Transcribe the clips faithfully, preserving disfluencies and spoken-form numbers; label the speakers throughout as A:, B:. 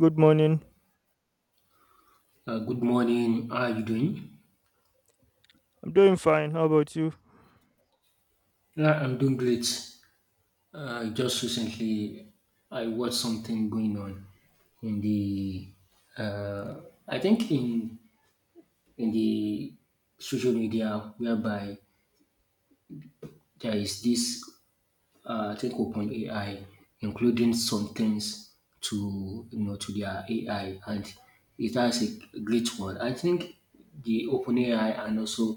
A: Good morning.
B: Uh, good morning. How are you doing?
A: I'm doing fine. How about you?
B: Yeah, I'm doing great. Uh, just recently, I watched something going on in the, uh, I think in in the social media, whereby there is this uh, I think OpenAI, including some things to you know to their A I, and it has a great one. I think the OpenAI and also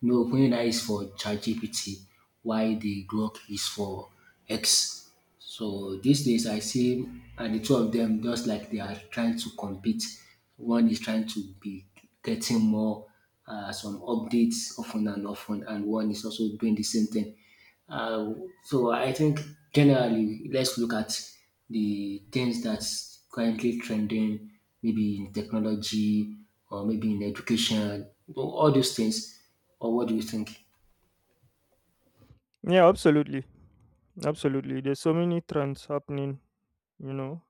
B: you know OpenAI is for ChatGPT, while the Grok is for X. So these days I see and the two of them just like they are trying to compete. One is trying to be getting more uh, some updates often and often, and one is also doing the same thing. Uh, so I think generally, let's look at the things that's currently trending, maybe in technology or maybe in education, all those things. Or what do you think?
A: Yeah, absolutely. Absolutely. There's so many trends happening, you know,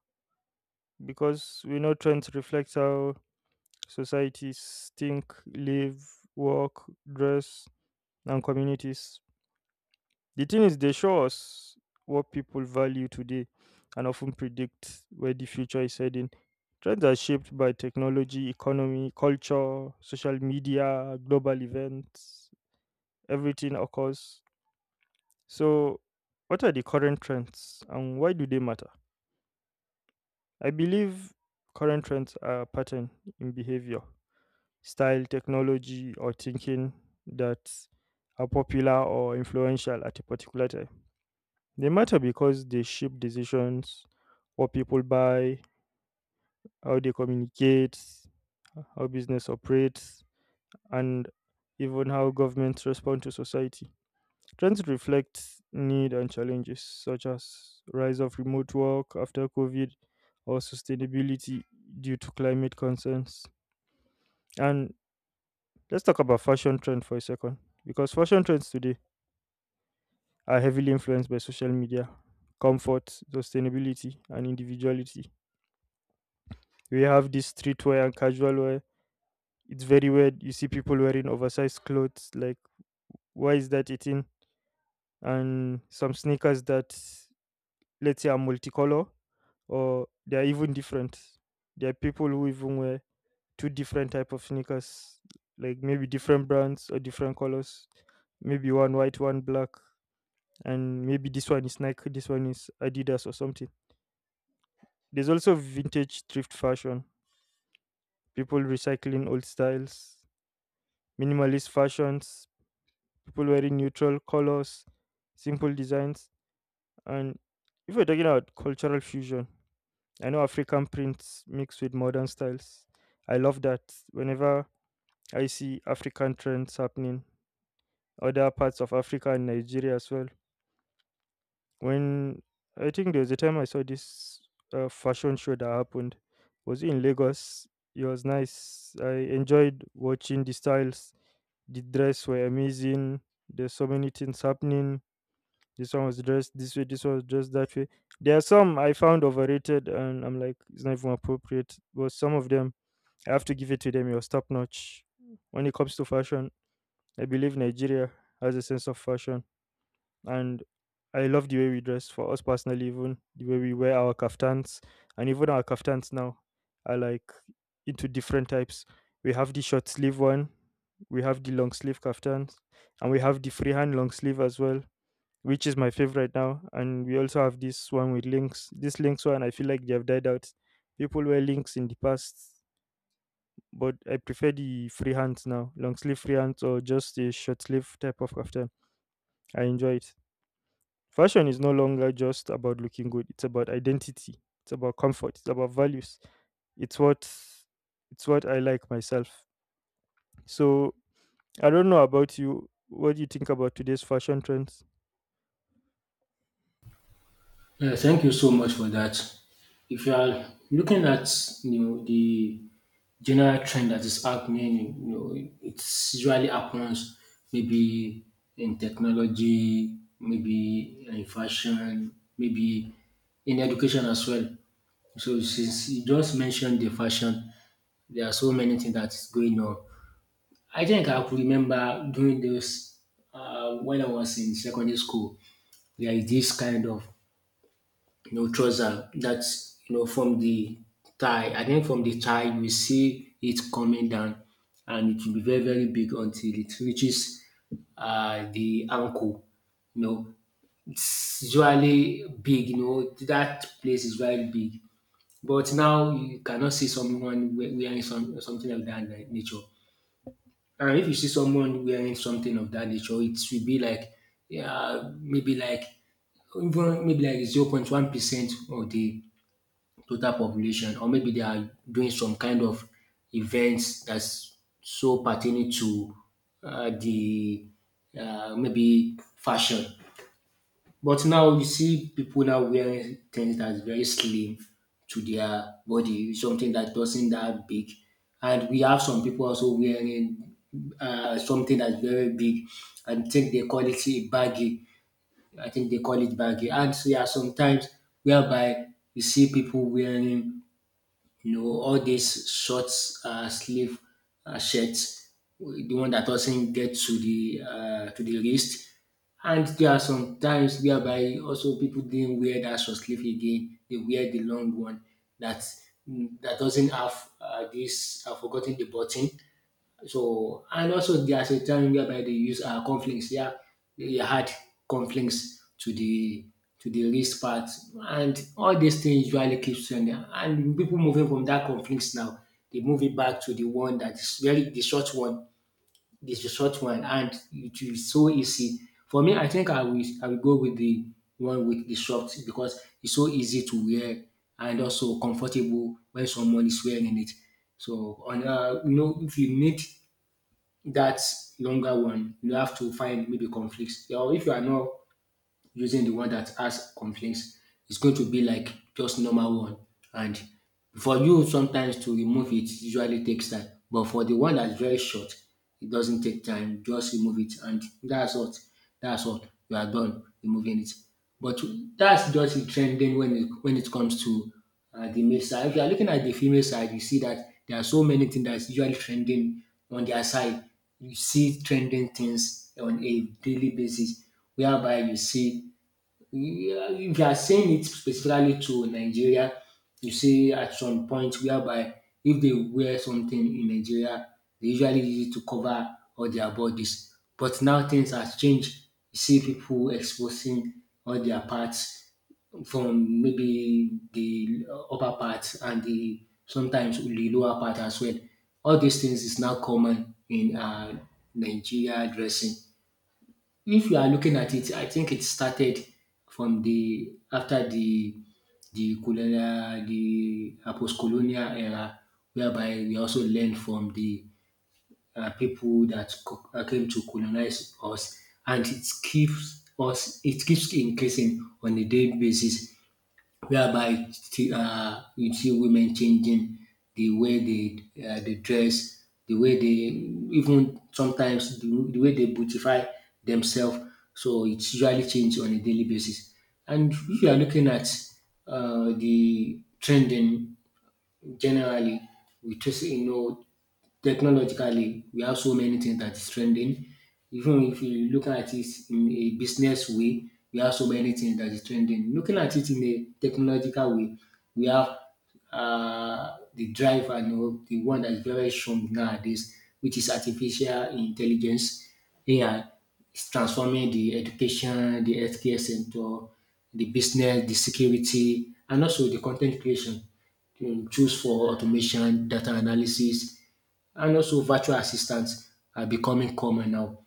A: because we know trends reflect how societies think, live, work, dress, and communities. The thing is, they show us what people value today and often predict where the future is heading. Trends are shaped by technology, economy, culture, social media, global events. Everything occurs. So, what are the current trends and why do they matter? I believe current trends are pattern in behavior, style, technology, or thinking that are popular or influential at a particular time. They matter because they shape decisions, what people buy, how they communicate, how business operates, and even how governments respond to society. Trends reflect need and challenges such as rise of remote work after COVID or sustainability due to climate concerns. And let's talk about fashion trend for a second because fashion trends today are heavily influenced by social media, comfort, sustainability and individuality. We have this streetwear and casual wear. It's very weird. You see people wearing oversized clothes like, why is that a thing? And some sneakers that, let's say, are multicolor or they are even different. There are people who even wear two different type of sneakers, like maybe different brands or different colors. Maybe one white, one black, and maybe this one is Nike, this one is Adidas or something. There's also vintage thrift fashion, people recycling old styles, minimalist fashions, people wearing neutral colors, simple designs, and if we're talking about cultural fusion, I know African prints mixed with modern styles. I love that. Whenever I see African trends happening, other parts of Africa and Nigeria as well. When I think there was a time I saw this uh, fashion show that happened, was it in Lagos. It was nice. I enjoyed watching the styles. The dress were amazing. There's so many things happening. This one was dressed this way. This one was dressed that way. There are some I found overrated, and I'm like, it's not even appropriate. But some of them I have to give it to them. It was top notch. When it comes to fashion, I believe Nigeria has a sense of fashion, and I love the way we dress. For us personally, even the way we wear our kaftans, and even our kaftans now are like into different types. We have the short sleeve one, we have the long sleeve kaftans, and we have the freehand long sleeve as well, which is my favorite now. And we also have this one with links. This links one, I feel like they have died out. People wear links in the past, but I prefer the free hands now, long sleeve free hands or just a short sleeve type of after. I enjoy it. Fashion is no longer just about looking good; it's about identity, it's about comfort, it's about values. It's what it's what I like myself. So I don't know about you. What do you think about today's fashion trends?
B: Yeah, thank you so much for that. If you are looking at you know the general trend that is happening, you know it usually happens maybe in technology, maybe in fashion, maybe in education as well. So since you just mentioned the fashion, there are so many things that is going on. I think I could remember during those uh, when I was in secondary school. There is this kind of no trouser that's you know from the thigh, I think from the thigh you will see it coming down, and it will be very very big until it reaches uh, the ankle. You know it's usually big. You know that place is very big. But now you cannot see someone we- wearing some, something of that na- nature. And if you see someone wearing something of that nature, it will be like, yeah, maybe like, even maybe like zero point zero point one percent of the total population, or maybe they are doing some kind of events that's so pertaining to uh, the uh, maybe fashion. But now you see people now wearing things that's very slim to their body, something that doesn't that big. And we have some people also wearing uh, something that's very big, and think they call it a baggy. I think they call it baggy. And so, yeah, sometimes whereby you see people wearing, you know, all these short uh, sleeve uh, shirts, the one that doesn't get to the uh, to the wrist. And there are some times whereby also people didn't wear that short sleeve again. They wear the long one that mm, that doesn't have uh, this. I've forgotten the button. So and also there's a time whereby they use uh, conflicts. Yeah, they add conflicts to the to the wrist part, and all these things usually keeps trending. And people moving from that conflicts now, they move it back to the one that is very the short one. This the short one, and it is so easy for me. I think I will I will go with the one with the short because it's so easy to wear and also comfortable when someone is wearing it. So on uh, you know if you need that longer one, you have to find maybe conflicts. Or if you are not using the one that has complaints, it's going to be like just normal one. And for you, sometimes to remove it usually takes time. But for the one that's very short, it doesn't take time. Just remove it, and that's what that's what you are done removing it. But that's just the trending when it when it comes to uh, the male side. If you are looking at the female side, you see that there are so many things that's usually trending on their side. You see trending things on a daily basis, whereby you see, yeah, if you are saying it specifically to Nigeria, you see at some point whereby if they wear something in Nigeria, they usually use it to cover all their bodies. But now things have changed. You see people exposing all their parts from maybe the upper part, and the sometimes the lower part as well. All these things is now common in uh, Nigeria dressing. If you are looking at it, I think it started from the after the the colonial, the uh, post-colonial era, whereby we also learned from the uh, people that co- uh, came to colonize us, and it keeps us, it keeps increasing on a daily basis, whereby uh, you see women changing the way they uh, they dress, the way they even sometimes the, the way they beautify themselves. So it's usually changed on a daily basis. And if you are looking at uh, the trending generally, we just you know technologically, we have so many things that is trending. Even if you look at it in a business way, we have so many things that is trending. Looking at it in a technological way, we have uh, the drive, and you know, the one that is very strong nowadays, which is artificial intelligence. A I is transforming the education, the healthcare sector, the business, the security, and also the content creation um, tools for automation, data analysis, and also virtual assistants are becoming common now.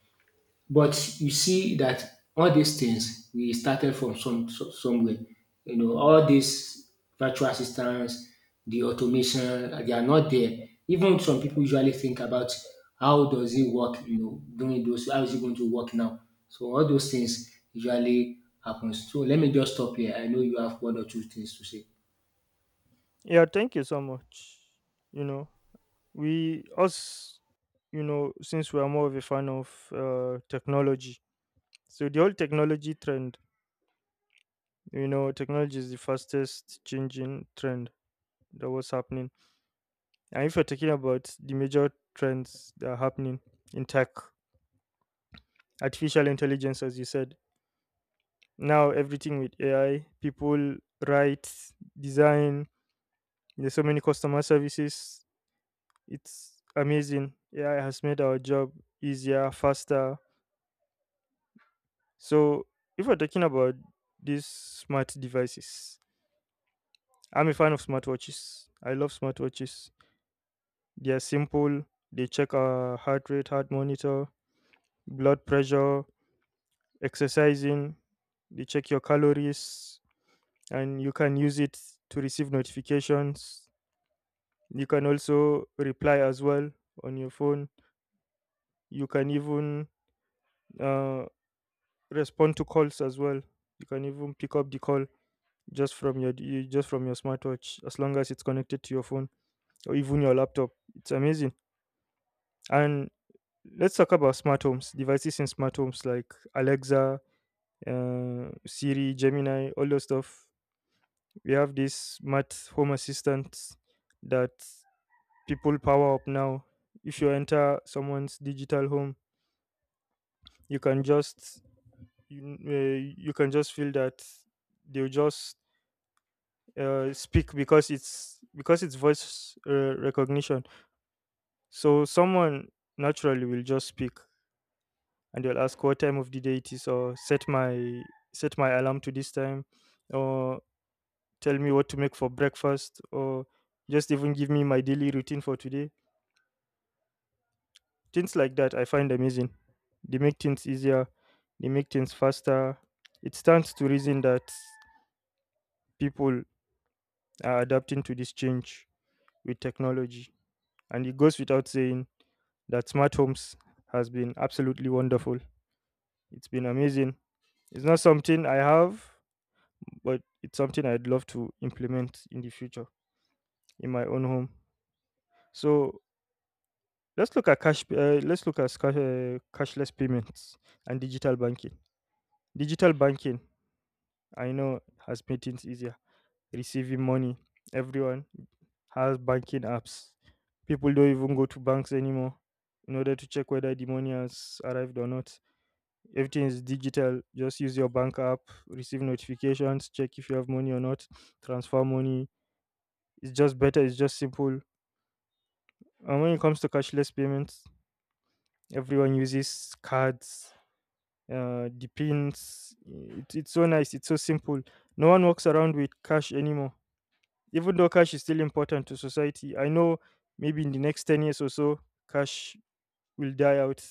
B: But you see that all these things we started from some, some somewhere. You know, all these virtual assistants, the automation, uh, they are not there. Even some people usually think about how does it work, you know, doing those, how is it going to work now? So all those things usually happens. So let me just stop here. I know you have one or two things to say.
A: Yeah, thank you so much. You know, we us, you know, since we are more of a fan of uh, technology, so the whole technology trend, you know, technology is the fastest changing trend that was happening. And if you're talking about the major trends that are happening in tech, artificial intelligence, as you said, now everything with A I, people write, design, there's so many customer services. It's amazing. A I has made our job easier, faster. So if we're talking about these smart devices, I'm a fan of smartwatches. I love smartwatches. They are simple. They check our heart rate, heart monitor, blood pressure, exercising, you check your calories, and you can use it to receive notifications. You can also reply as well on your phone. You can even uh, respond to calls as well. You can even pick up the call just from your you- just from your smartwatch as long as it's connected to your phone or even your laptop. It's amazing. And let's talk about smart homes devices in smart homes like Alexa, uh, Siri, Gemini, all those stuff. We have this math home assistant that people power up now. If you enter someone's digital home, you can just you, uh, you can just feel that they'll just uh, speak because it's because it's voice uh, recognition. So someone naturally will just speak and they'll ask what time of the day it is, or set my set my alarm to this time, or tell me what to make for breakfast, or just even give me my daily routine for today. Things like that I find amazing. They make things easier, they make things faster. It stands to reason that people are adapting to this change with technology. And it goes without saying that smart homes has been absolutely wonderful. It's been amazing. It's not something I have, but it's something I'd love to implement in the future in my own home. So let's look at cash. Uh, let's look at sca- uh, cashless payments and digital banking. Digital banking, I know it has made things easier. Receiving money. Everyone has banking apps. People don't even go to banks anymore in order to check whether the money has arrived or not. Everything is digital. Just use your bank app, receive notifications, check if you have money or not, transfer money. It's just better, it's just simple. And when it comes to cashless payments, everyone uses cards, uh, the pins. It, it's so nice, it's so simple. No one walks around with cash anymore. Even though cash is still important to society, I know maybe in the next ten years or so, cash will die out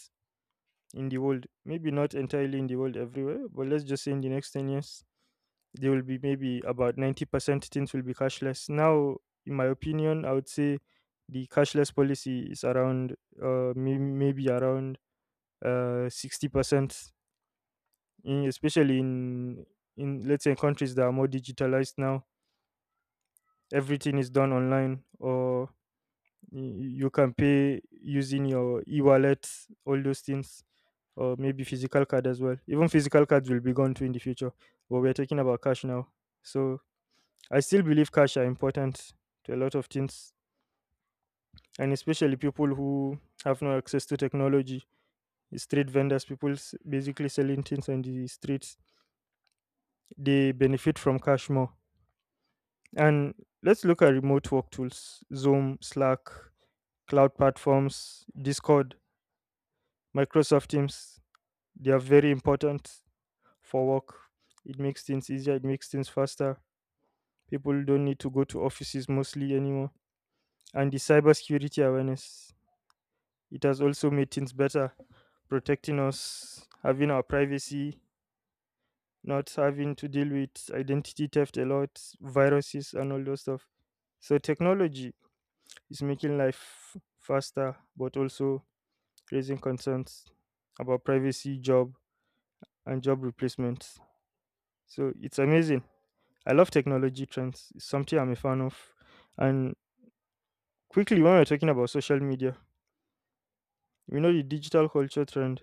A: in the world. Maybe not entirely in the world everywhere, but let's just say in the next ten years, there will be maybe about ninety percent things will be cashless. Now, in my opinion, I would say the cashless policy is around uh, may- maybe around uh, sixty percent, in, especially in in let's say countries that are more digitalized now. Everything is done online, or y- you can pay using your e-wallet, all those things, or maybe physical card as well. Even physical cards will be gone too in the future, but we're talking about cash now. So I still believe cash are important to a lot of things, and especially people who have no access to technology, street vendors, people s- basically selling things on the streets, they benefit from cash more. And let's look at remote work tools, Zoom, Slack, cloud platforms, Discord, Microsoft Teams. They are very important for work. It makes things easier, it makes things faster. People don't need to go to offices mostly anymore. And the cybersecurity awareness, it has also made things better, protecting us, having our privacy, not having to deal with identity theft a lot, viruses, and all those stuff. So technology is making life faster, but also raising concerns about privacy, job, and job replacements. So it's amazing. I love technology trends. It's something I'm a fan of. And quickly, when we're talking about social media, we know the digital culture trend.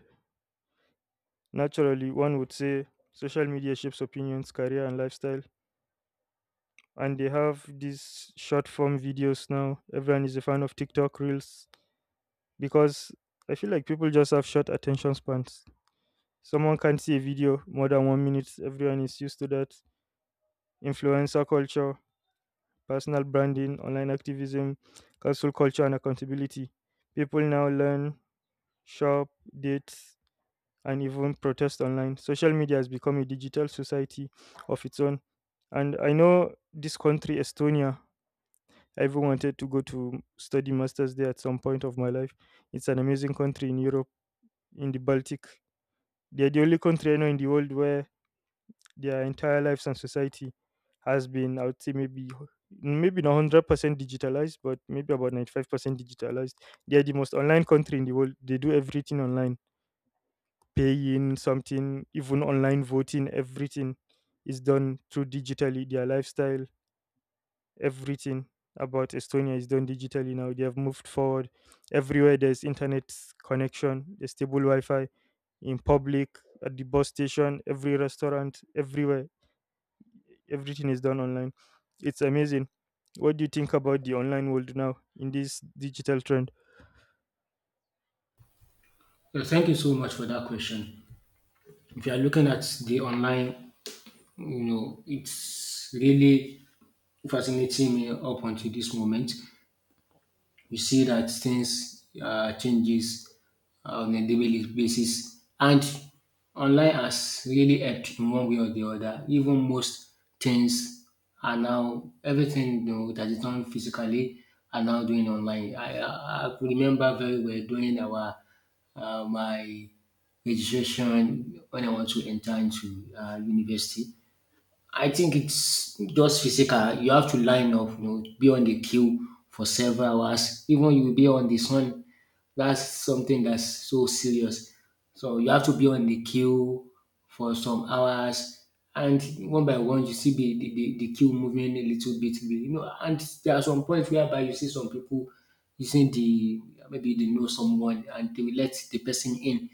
A: Naturally, one would say social media shapes opinions, career, and lifestyle. And they have these short form videos now. Everyone is a fan of TikTok reels because I feel like people just have short attention spans. Someone can't see a video more than one minute. Everyone is used to that. Influencer culture, personal branding, online activism, cancel culture, and accountability. People now learn, shop, date, and even protest online. Social media has become a digital society of its own. And I know this country, Estonia, I even wanted to go to study masters there at some point of my life. It's an amazing country in Europe, in the Baltic. They're the only country I know in the world where their entire lives and society has been, I would say, maybe maybe not hundred percent digitalized, but maybe about ninety five percent digitalized. They are the most online country in the world. They do everything online, paying something, even online voting. Everything is done through digitally. Their lifestyle, everything about Estonia is done digitally now. They have moved forward. Everywhere there's internet connection, a stable Wi-Fi in public, at the bus station, every restaurant, everywhere. Everything is done online. It's amazing. What do you think about the online world now in this digital trend?
B: Yeah, thank you so much for that question. If you are looking at the online, you know, it's really fascinating me up until this moment. You see that things uh, changes on a daily basis, and online has really helped in one way or the other. Even most things are now everything, you know, that is done physically are now doing online. I i, I remember very well during our uh, my registration when I want to enter into uh, university. I think it's just physical. You have to line up, you know, be on the queue for several hours. Even you be on the sun, that's something that's so serious. So you have to be on the queue for some hours, and one by one you see the the, the, the queue moving a little bit, you know. And there are some points whereby you see some people using the maybe they know someone, and they will let the person in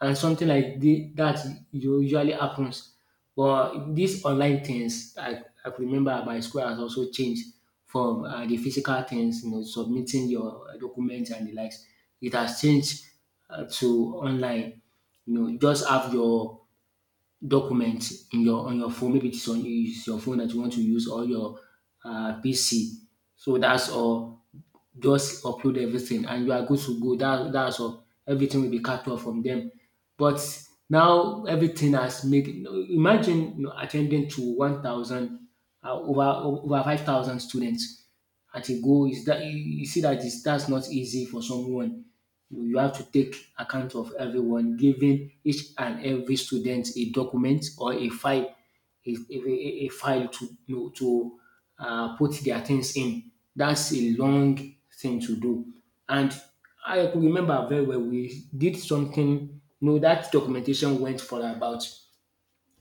B: and something like the, that u- usually happens. But these online things, I, I could remember at my school has also changed from uh, the physical things, you know, submitting your documents and the likes. It has changed uh, to online. You know, just have your documents in your on your phone. Maybe it's on it's your phone that you want to use or your uh, P C. So that's all. Just upload everything and you are good to go. That that's all. Everything will be captured from them. But now everything has made. Imagine you know, attending to one thousand, uh, over over five thousand students at a goal, is that you you see that is that's not easy for someone. You you have to take account of everyone, giving each and every student a document or a file, a, a, a- a file to you know, to uh, put their things in. That's a long thing to do. And I could remember very well we did something. You know, that documentation went for about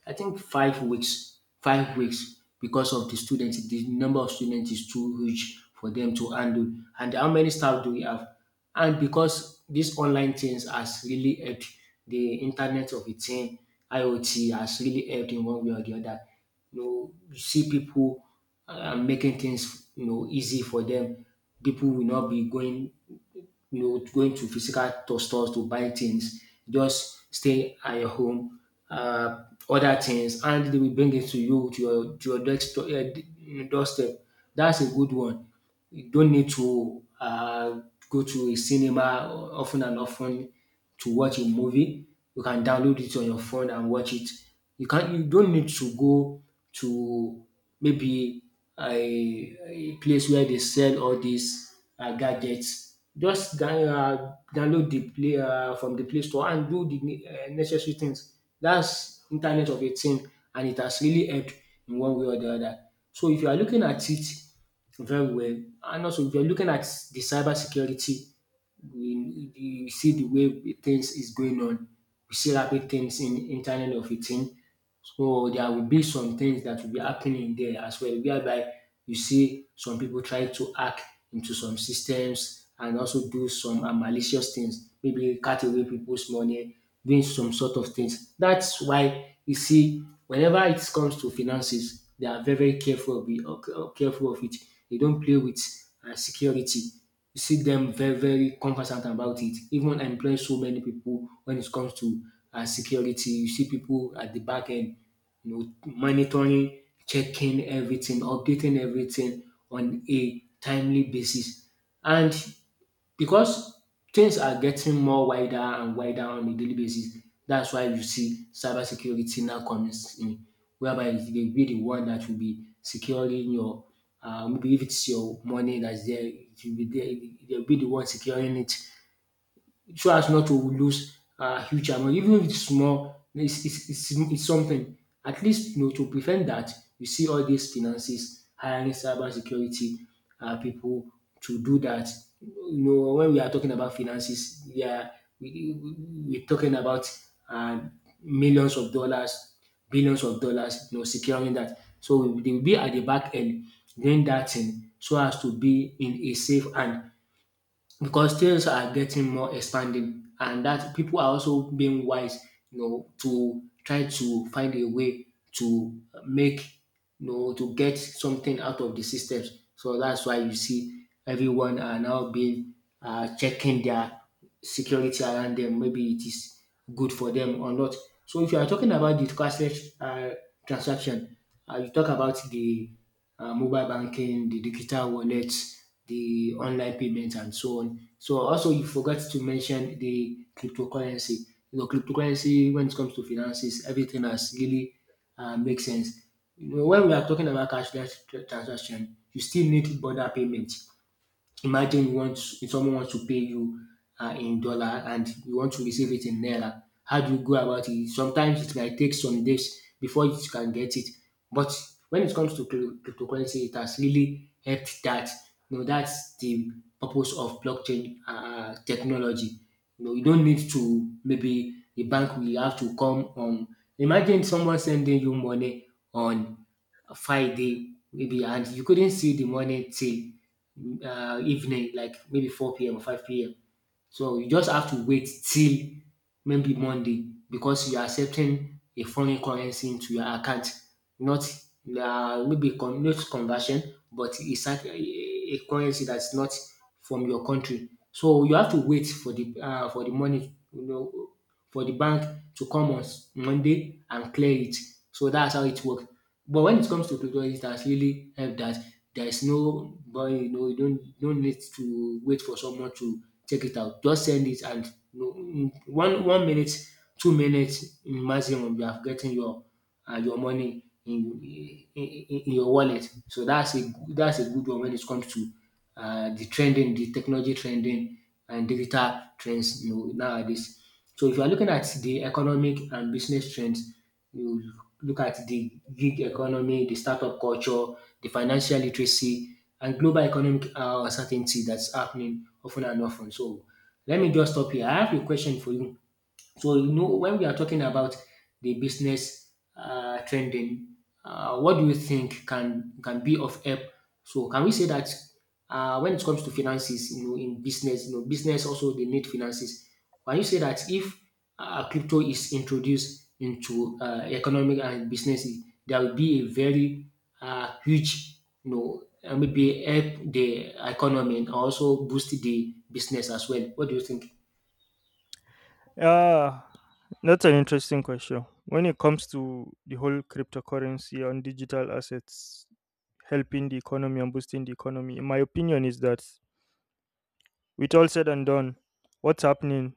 B: I think five weeks, five weeks, because of the students. The number of students is too huge for them to handle. And how many staff do we have? And because these online things has really helped the internet of a thing, IoT has really helped in one way or the other. You know, you see people uh, making things, you know easy for them. People will not be going you going to physical to stores to buy things. Just stay at your home, uh, order things, and they will bring it to you to your to your desk, to, uh, doorstep. That's a good one. You don't need to uh, go to a cinema often and often to watch a movie. You can download it on your phone and watch it. You can't. You don't need to go to maybe a, a place where they sell all these uh, gadgets. Just down, uh, download the play uh, from the Play Store and do the ne- uh, necessary things. That's Internet of a thing, and it has really helped in one way or the other. So if you are looking at it very well, and also if you are looking at the cyber security, we you see the way the things is going on. We see rapid things in internet of a thing. So there will be some things that will be happening there as well, whereby you see some people try to hack into some systems and also do some uh, malicious things, maybe cut away people's money, doing some sort of things. That's why you see whenever it comes to finances, they are very, very careful of, it, uh, careful of it. They don't play with uh, security, see them very, very conversant about it. Even employ so many people when it comes to uh, security. You see people at the back end, you know, monitoring, checking everything, updating everything on a timely basis. And because things are getting more wider and wider on a daily basis. That's why you see cybersecurity now comes in, whereby they will be the one that will be securing your, uh, maybe if it's your money that's there, it will be there, they'll be the one securing it so as not to lose a huge amount. Even if it's small, it's it's it's it's something. At least you know to prevent that, you see all these finances hiring cyber security people to do that. You know when we are talking about finances, yeah, we are we are talking about um millions of dollars, billions of dollars, you know securing that. So, they will be at the back end doing that thing so as to be in a safe hand because things are getting more expanding and that people are also being wise, you know, to try to find a way to make, you know, to get something out of the systems. So that's why you see everyone are now being uh, checking their security around them, maybe it is good for them or not. So if you are talking about the cashless uh, transaction, uh, you talk about the uh, mobile banking, the digital wallets, the online payments, and so on. So also you forgot to mention the cryptocurrency. You know, cryptocurrency when it comes to finances, everything has really uh, makes sense. You know, when we are talking about cashless tr- transaction, you still need border payment. Imagine you want, if someone wants to pay you uh, in dollar and you want to receive it in naira. How do you go about it? Sometimes it might take some days before you can get it. But when it comes to crypto- cryptocurrency, it has really helped that. You know, that's the purpose of blockchain uh, technology. You know, you don't need to, maybe the bank will have to come. Um, imagine someone sending you money on Friday maybe, and you couldn't see the money till uh, evening, like maybe four p m or five p m. So you just have to wait till maybe Monday because you are accepting a foreign currency into your account, not uh, maybe con- not conversion, but it's like a, a currency that's not from your country. So you have to wait for the uh, for the money, you know, for the bank to come on s- Monday and clear it. So that's how it works. But when it comes to tutorial, it has really helped that there is no, but you know, you don't don't need to wait for someone to check it out. Just send it, and you know, in one one minute, two minutes in maximum, you have gotten your uh, your money in, in in in your wallet. So that's a that's a good one when it comes to uh, the trending, the technology trending, and digital trends. You know, nowadays. So if you are looking at the economic and business trends, you look at the gig economy, the startup culture, the financial literacy, and global economic uh, uncertainty that's happening often and often. So let me just stop here. I have a question for you. So you know when we are talking about the business uh, trending, uh, what do you think can can be of help? So can we say that uh, when it comes to finances, you know, in business, you know, business also they need finances. Can you say that if uh, crypto is introduced into uh, economic and business, there will be a very uh, huge, you know, uh, maybe help the economy and also boost the business as well. What do you think?
A: Ah, that's an interesting question. When it comes to the whole cryptocurrency and digital assets helping the economy and boosting the economy, in my opinion, is that with all said and done, what's happening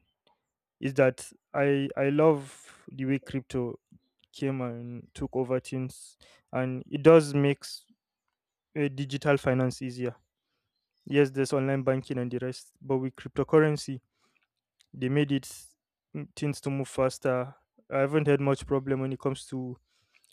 A: is that I I love the way crypto came and took over things, and it does make digital finance easier. Yes, there's online banking and the rest, but with cryptocurrency, they made it, mm, things to move faster. I haven't had much problem when it comes to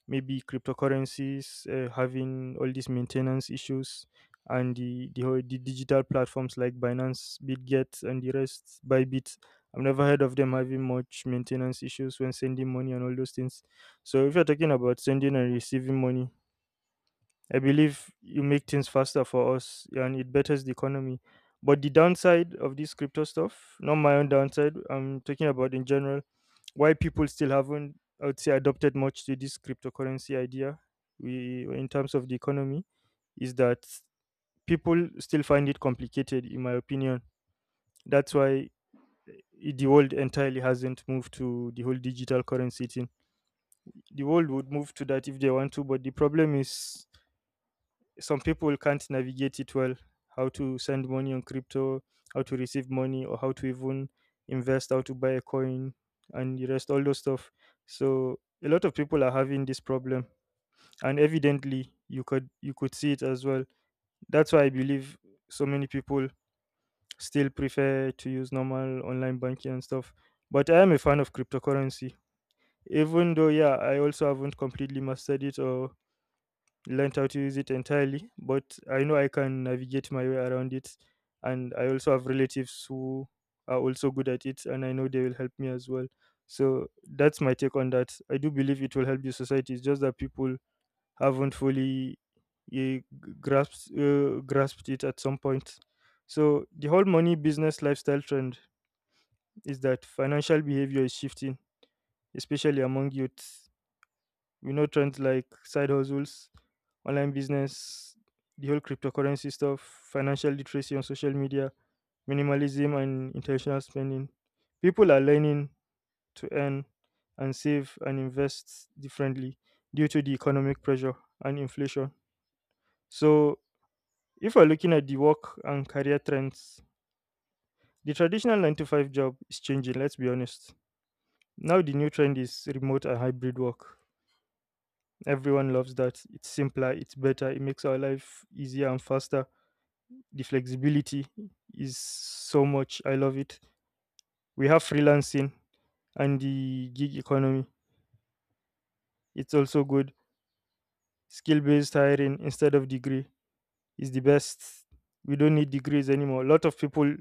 A: maybe cryptocurrencies uh, having all these maintenance issues and the, the whole- the digital platforms like Binance, Bitget, and the rest, Bybit. I've never heard of them having much maintenance issues when sending money and all those things. So if you're talking about sending and receiving money, I believe you make things faster for us and it betters the economy. But the downside of this crypto stuff, not my own downside, I'm talking about in general, why people still haven't, I would say, adopted much to this cryptocurrency idea we, in terms of the economy, is that people still find it complicated, in my opinion. That's why i- the world entirely hasn't moved to the whole digital currency thing. The world would move to that if they want to, but the problem is some people can't navigate it well. How to send money on crypto, how to receive money, or how to even invest, how to buy a coin and the rest, all those stuff. So a lot of people are having this problem, and evidently you could you could see it as well. That's why I believe so many people still prefer to use normal online banking and stuff. But I am a fan of cryptocurrency, even though, yeah, I also haven't completely mastered it or learned how to use it entirely, but I know I can navigate my way around it. And I also have relatives who are also good at it, and I know they will help me as well. So that's my take on that. I do believe it will help the society. It's just that people haven't fully eh, g- grasped uh, grasped it at some point. So the whole money business lifestyle trend is that financial behavior is shifting, especially among youth. You know, trends like side hustles, online business, the whole cryptocurrency stuff, financial literacy on social media, minimalism, and intentional spending. People are learning to earn and save and invest differently due to the economic pressure and inflation. So, if we're looking at the work and career trends, the traditional nine to five job is changing, let's be honest. Now, the new trend is remote and hybrid work. Everyone loves that. It's simpler, it's better, it makes our life easier and faster. The flexibility is so much. I love it. We have freelancing and the gig economy. It's also good. Skill based hiring instead of degree is the best. We don't need degrees anymore. A lot of people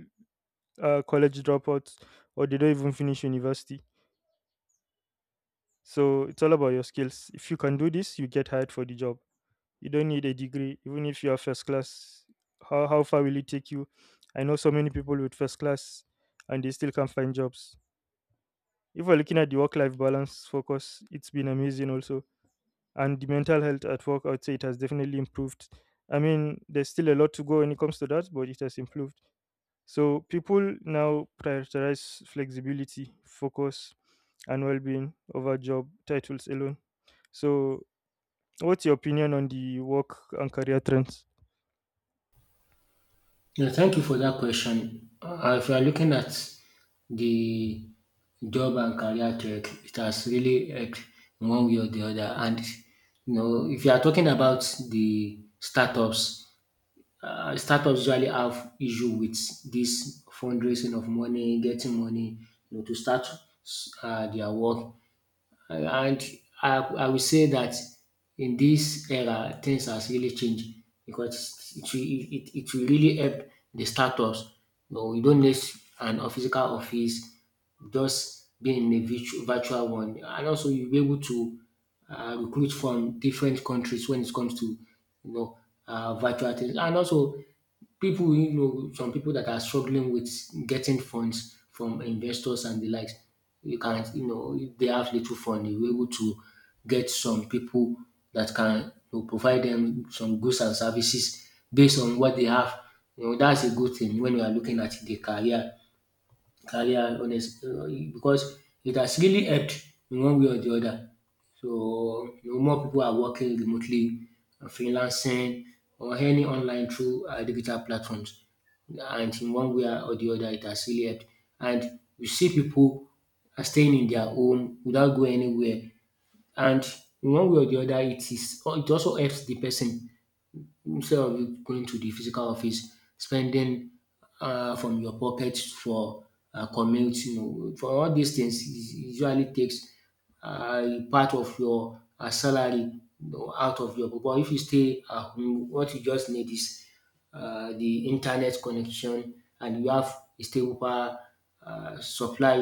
A: are college dropouts or they don't even finish university. So it's all about your skills. If you can do this, you get hired for the job. You don't need a degree, even if you are first class. How, how far will it take you? I know so many people with first class and they still can't find jobs. If we're looking at the work life balance focus, it's been amazing also. And the mental health at work, I would say it has definitely improved. I mean, there's still a lot to go when it comes to that, but it has improved. So people now prioritize flexibility, focus, and well being over job titles alone. So, what's your opinion on the work and career trends?
B: Yeah, thank you for that question. Uh, if you are looking at the job and career track, it has really helped in one way or the other. And you know, if you are talking about the startups, uh, startups usually have issue with this fundraising of money, getting money, you know, to start uh, their work. And I I will say that in this era things has really changed because it will it, it will really help the startups. You know, you don't need an of- physical office, just being in a virtu- virtual one. And also you'll be able to uh, recruit from different countries when it comes to, you know, uh, virtual things. And also people, you know, some people that are struggling with getting funds from investors and the likes, you can, you know, if they have little fund, you were able to get some people that can, you know, provide them some goods and services based on what they have. You know, that's a good thing when you are looking at the career, career honest uh, because it has really helped in one way or the other. So you know, more people are working remotely, uh, freelancing, or any online through uh, digital platforms. And in one way or the other, it has really helped. And you see people are staying in their home without going anywhere. And in one way or the other, it is it also helps the person instead of going to the physical office, spending uh, from your pocket for uh, commute, you know, for all these things, it usually takes uh, part of your uh, salary, you know, out of your. But if you stay at home, what you just need is uh, the internet connection and you have a stable power uh, supply,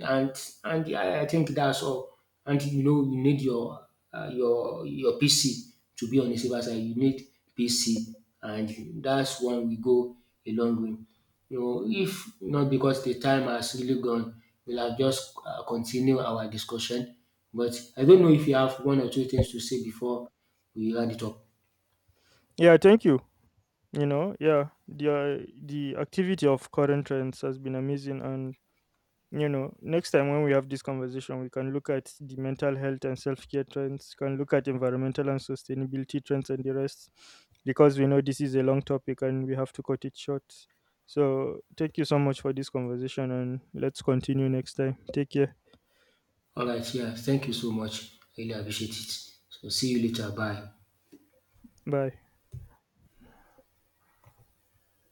B: and and I, I think that's all. And you know you need your uh, your your P C to be on the safer side. You need P C and that's when we go a long way. You know, if not because the time has really gone, we'll have just uh, continue our discussion. But I don't know if you have one or two things to say before we round it up.
A: Yeah, thank you. You know, yeah, the uh, the activity of current trends has been amazing, and you know, next time when we have this conversation, we can look at the mental health and self care trends, can look at environmental and sustainability trends, and the rest, because we know this is a long topic and we have to cut it short. So, thank you so much for this conversation, and let's continue next time. Take care.
B: All right, yeah, thank you so much. Really appreciate it. So see you later. Bye.
A: Bye.